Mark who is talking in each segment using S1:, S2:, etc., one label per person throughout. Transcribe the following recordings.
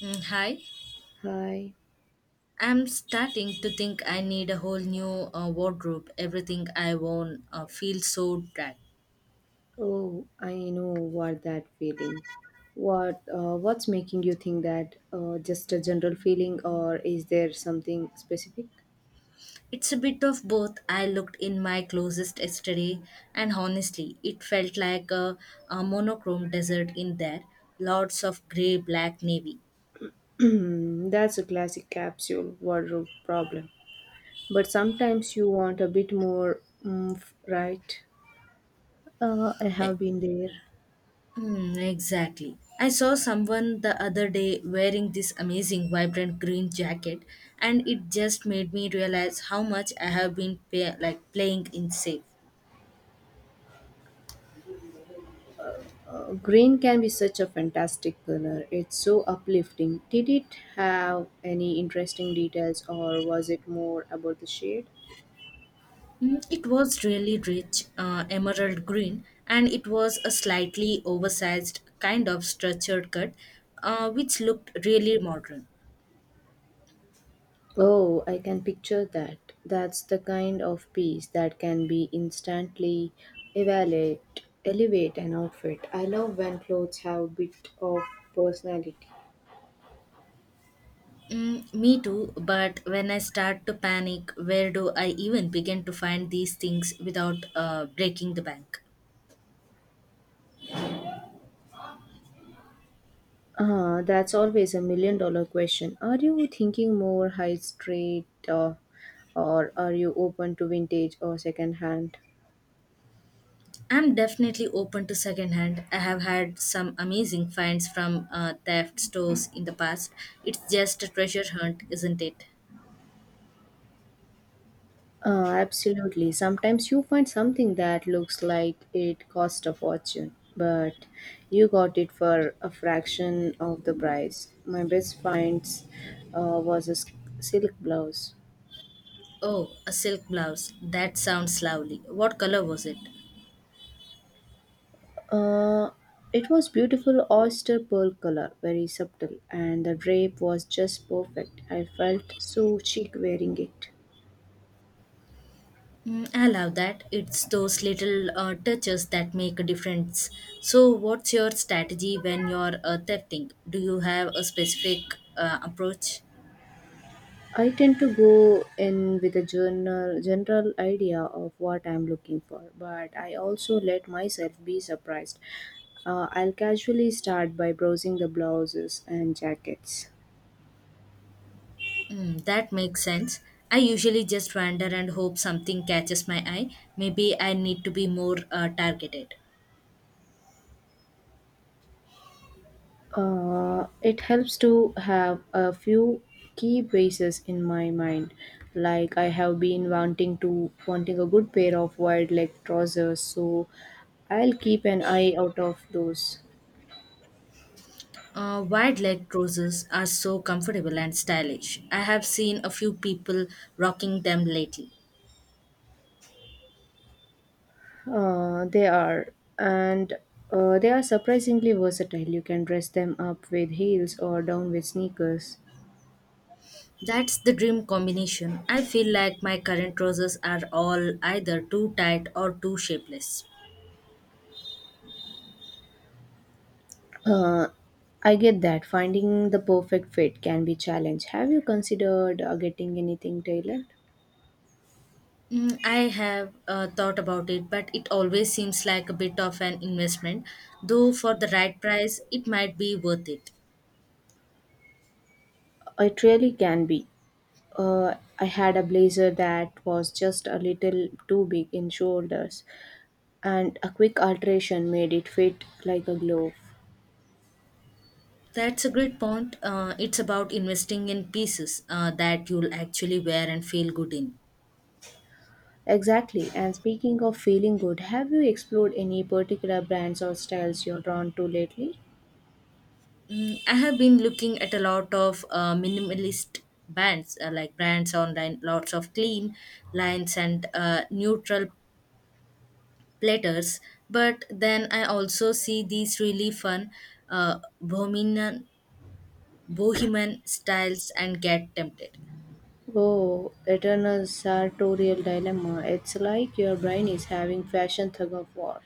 S1: Hi,
S2: Hi.
S1: I'm starting to think I need a whole new wardrobe. Everything I own feels so drab.
S2: Oh, I know what that feeling. What what's making you think that? Just a general feeling, or is there something specific?
S1: It's a bit of both. I looked in my closest yesterday, and honestly, it felt like a monochrome desert in there. Lots of grey, black, navy.
S2: That's a classic capsule wardrobe problem. But sometimes you want a bit more oomph, right? I
S1: Eh,
S2: have been there.
S1: exactly. I saw someone the other day wearing this amazing, vibrant green jacket, and it just made me realize how much I have been playing in safe.
S2: Green can be such a fantastic color. It's so uplifting. Did it have any interesting details, or was it more about the shade?
S1: It was really rich, emerald green, and it was a slightly oversized kind of structured cut, which looked really modern.
S2: Oh, I can picture that. That's the kind of piece that can be instantly evaluate, elevate an outfit. I love when clothes have a bit of personality.
S1: Me too, but when I start to panic, where do I even begin to find these things without breaking the bank?
S2: Ah, that's always a million dollar question. Are you thinking more high street, or are you open to vintage or second hand?
S1: I'm definitely open to secondhand. I have had some amazing finds from theft stores in the past. It's just a treasure hunt, isn't it?
S2: Absolutely. Sometimes you find something that looks like it cost a fortune, but you got it for a fraction of the price. My best finds was silk blouse.
S1: Oh, a silk blouse. That sounds lovely. What color was it?
S2: Uh, it was beautiful oyster pearl color, very subtle, and the drape was just perfect. I felt so chic wearing it.
S1: I love that. It's those little touches that make a difference. So, what's your strategy when you're thrifting? Do you have a specific approach?
S2: I tend to go in with a general idea of what I'm looking for, but I also let myself be surprised. I'll casually start by browsing the blouses and jackets.
S1: That makes sense. I usually just wander and hope something catches my eye. Maybe I need to be more targeted.
S2: It helps to have a few key pieces in my mind, like I have been wanting a good pair of wide leg trousers, so I'll keep an eye out of those.
S1: Wide leg trousers are so comfortable and stylish. I have seen a few people rocking them lately.
S2: Uh, they are, and they are surprisingly versatile. You can dress them up with heels or down with sneakers.
S1: That's the dream combination. I feel like my current roses are all either too tight or too shapeless.
S2: Uh, I get that finding the perfect fit can be challenge. Have you considered getting anything tailored?
S1: I have thought about it, but it always seems like a bit of an investment, though for the right price, it might be worth it.
S2: It really can be. Uh, I had a blazer that was just a little too big in shoulders, and a quick alteration made it fit like a glove.
S1: That's a great point. It's about investing in pieces that you'll actually wear and feel good in.
S2: Exactly. And speaking of feeling good, have you explored any particular brands or styles you're drawn to lately?
S1: I have been looking at a lot of minimalist brands, like brands online, lots of clean lines and neutral platters, but then I also see these really fun uh, bohemian bohemian styles and get tempted.
S2: Oh, eternal sartorial dilemma. It's like your brain is having fashion tug of war.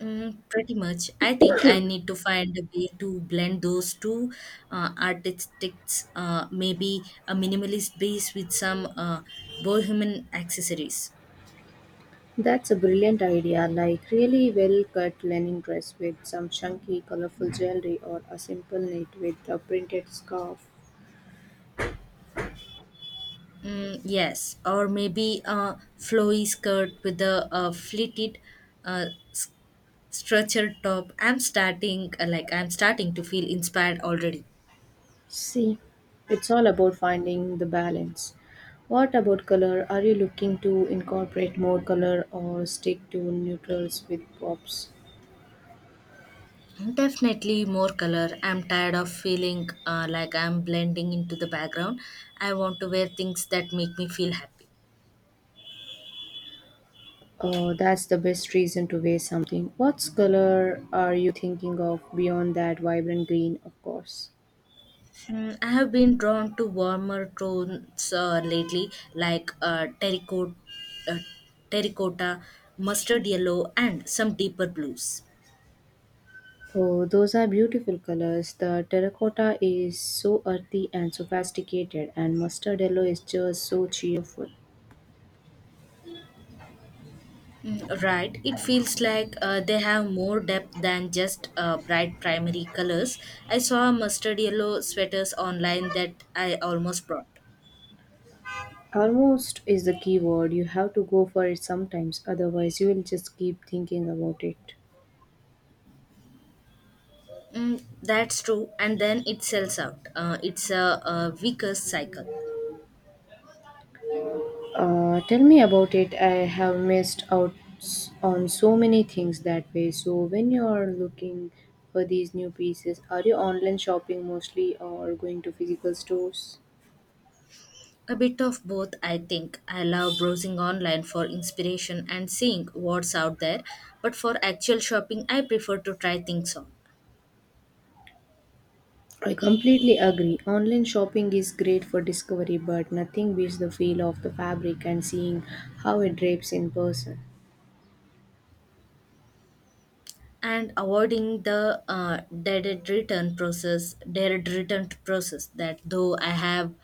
S1: Pretty much. I think I need to find a way to blend those two artistics, maybe a minimalist base with some bohemian accessories.
S2: That's a brilliant idea, like really well cut linen dress with some chunky, colorful jewelry or a simple knit with a printed scarf.
S1: Yes, or maybe a flowy skirt with a, fleated uh, structured top. I'm starting to feel inspired already.
S2: See, it's all about finding the balance. What about color? Are you looking to incorporate more color or stick to neutrals with pops?
S1: Definitely more color. I'm tired of feeling like I'm blending into the background. I want to wear things that make me feel happy.
S2: Oh, that's the best reason to wear something. What color are you thinking of beyond that vibrant green, of course?
S1: I have been drawn to warmer tones lately, like terracotta, uh, terracotta mustard yellow, and some deeper blues.
S2: Oh, those are beautiful colors. The terracotta is so earthy and sophisticated, and mustard yellow is just so cheerful.
S1: Right. It feels like they have more depth than just bright primary colors. I saw mustard yellow sweaters online that I almost bought.
S2: Almost is the key word. You have to go for it sometimes, otherwise, you will just keep thinking about it.
S1: That's true. And then it sells out. It's a weaker cycle.
S2: Tell me about it. I have missed out on so many things that way. So, when you are looking for these new pieces, are you online shopping mostly or going to physical stores?
S1: A bit of both, I think. I love browsing online for inspiration and seeing what's out there. But for actual shopping, I prefer to try things on.
S2: I completely agree. Online shopping is great for discovery, but nothing beats the feel of the fabric and seeing how it drapes in person.
S1: And avoiding the dead return process that, though I have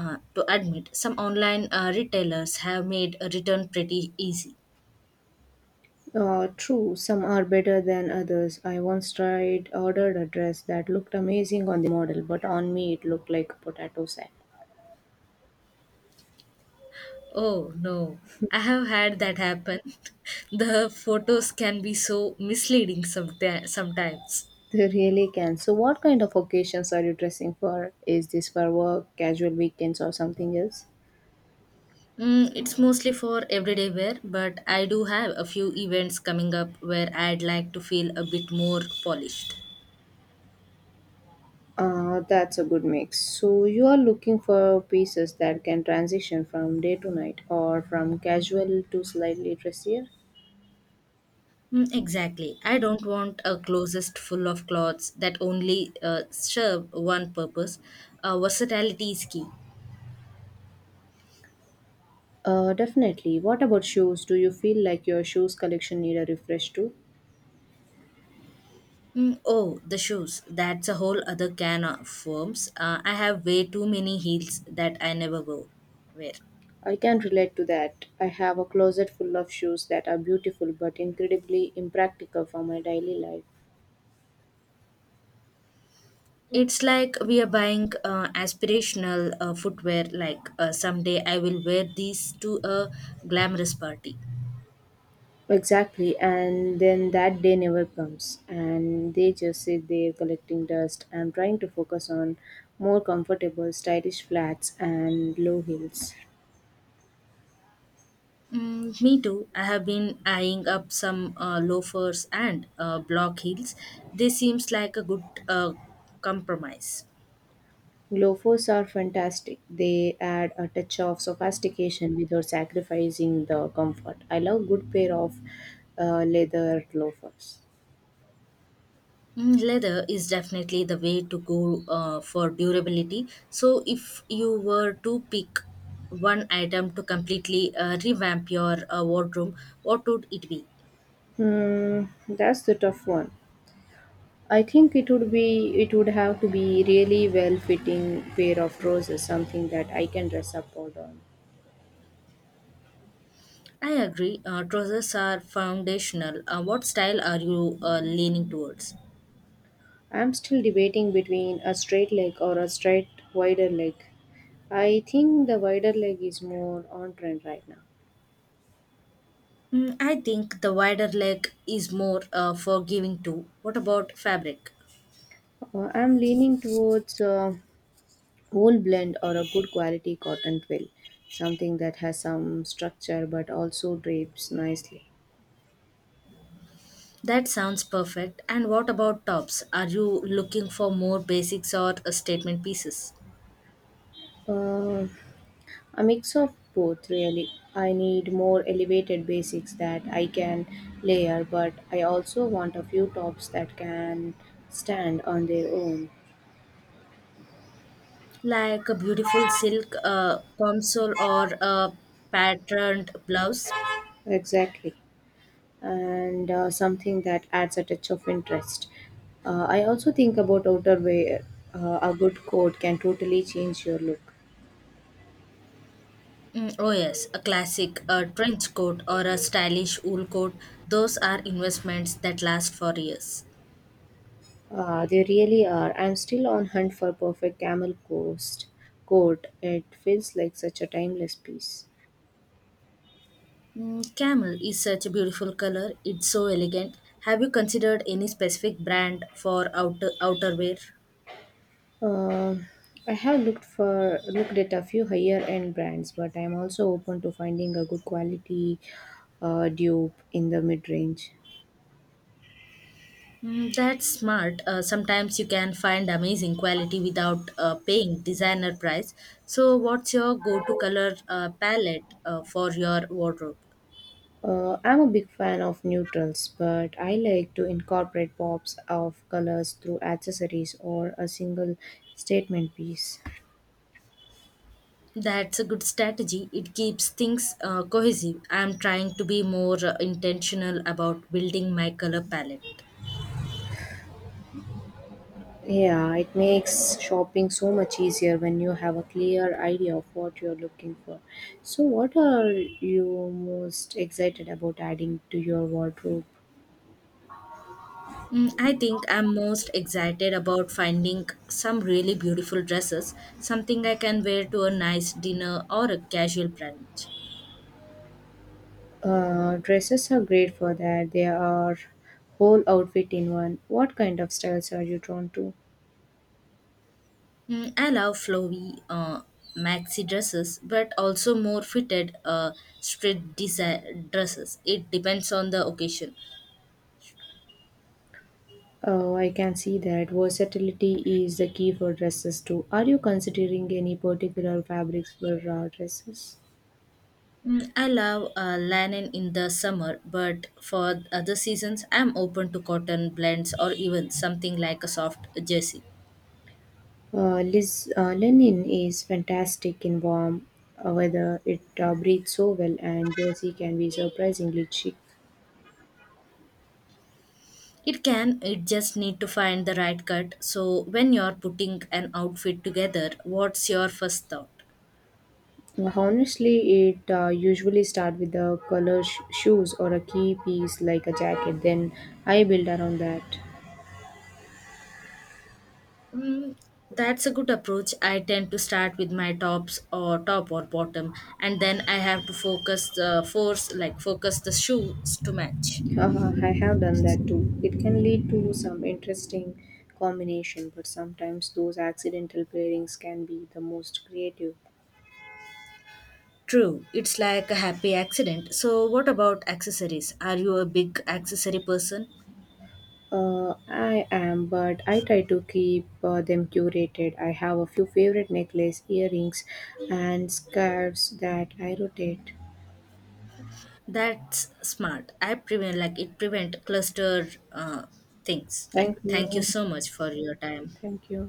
S1: to admit, some online retailers have made a return pretty easy.
S2: True, some are better than others. I once tried ordered a dress that looked amazing on the model, but on me it looked like a potato sack.
S1: Oh no, I have had that happen. The photos can be so misleading sometimes.
S2: They really can. So, what kind of occasions are you dressing for? Is this for work, casual weekends, or something else?
S1: It's mostly for everyday wear, but I do have a few events coming up where I'd like to feel a bit more polished.
S2: That's a good mix. So, you are looking for pieces that can transition from day to night or from casual to slightly dressier?
S1: Exactly. I don't want a closest full of clothes that only serve one purpose. Versatility is key.
S2: Definitely. What about shoes? Do you feel like your shoes collection need a refresh too?
S1: Oh, the shoes. That's a whole other can of worms. I have way too many heels that I never wore. Wear.
S2: I can relate to that. I have a closet full of shoes that are beautiful but incredibly impractical for my daily life.
S1: It's like we are buying aspirational footwear, like someday I will wear these to a glamorous party.
S2: Exactly, and then that day never comes, and they just sit there collecting dust. I'm trying to focus on more comfortable, stylish flats and low heels.
S1: Me too. I have been eyeing up some loafers and block heels. This seems like a good compromise.
S2: Loafers are fantastic. They add a touch of sophistication without sacrificing the comfort. I love good pair of leather loafers.
S1: Leather is definitely the way to go for durability. So, if you were to pick one item to completely revamp your wardrobe, what would it be?
S2: Hmm, that's the tough one. I think it would have to be really well fitting pair of trousers, something that I can dress up or down.
S1: I agree. Trousers are foundational. What style are you leaning towards?
S2: I'm still debating between a straight leg or a straight wider leg. I think the wider leg is more on trend right now.
S1: I think the wider leg is more forgiving too. What about fabric?
S2: I'm leaning towards a wool blend or a good quality cotton twill, something that has some structure but also drapes nicely.
S1: That sounds perfect. And what about tops? Are you looking for more basics or statement pieces?
S2: Uh, A mix of both, really. I need more elevated basics that I can layer, but I also want a few tops that can stand on their own.
S1: Like a beautiful silk console or a patterned blouse?
S2: Exactly. And something that adds a touch of interest. I also think about outerwear. A good coat can totally change your look.
S1: Oh, yes, a classic trench coat or a stylish wool coat. Those are investments that last for years.
S2: They really are. I'm still on hunt for perfect camel coast coat. It feels like such a timeless piece.
S1: Camel is such a beautiful color. It's so elegant. Have you considered any specific brand for outerwear?
S2: Uh, I have looked for looked at a few higher end brands, but I'm also open to finding a good quality dupe in the mid range.
S1: That's smart. Sometimes you can find amazing quality without paying designer price. So, what's your go-to color palette for your wardrobe?
S2: I'm a big fan of neutrals, but I like to incorporate pops of colors through accessories or a single statement piece.
S1: That's a good strategy. It keeps things cohesive. I'm trying to be more intentional about building my color palette.
S2: Yeah, it makes shopping so much easier when you have a clear idea of what you're looking for. So, what are you most excited about adding to your wardrobe?
S1: I think I'm most excited about finding some really beautiful dresses, something I can wear to a nice dinner or a casual brunch.
S2: Dresses are great for that. They are whole outfit in one. What kind of styles are you drawn to?
S1: I love flowy maxi dresses, but also more fitted straight dresses. It depends on the occasion.
S2: Oh, I can see that versatility is the key for dresses too. Are you considering any particular fabrics for dresses?
S1: I love linen in the summer, but for other seasons, I'm open to cotton blends or even something like a soft jersey.
S2: Linen is fantastic in warm weather. It breathes so well, and jersey can be surprisingly chic.
S1: It can, it just need to find the right cut. So when you're putting an outfit together, what's your first thought?
S2: Honestly, it usually start with the color shoes or a key piece like a jacket. Then I build around that.
S1: Mm, that's a good approach. I tend to start with my top or bottom, and then I have to focus the shoes to match.
S2: Haha, I have done that too. It can lead to some interesting combination, but sometimes those accidental pairings can be the most creative.
S1: True, it's like a happy accident. So, what about accessories? Are you a big accessory person?
S2: I am, but I try to keep them curated. I have a few favorite necklace, earrings, and scarves that I rotate.
S1: That's smart. I prevent like it prevent cluster things. Like,
S2: Thank
S1: thank you
S2: you.
S1: so much for your time.
S2: Thank you.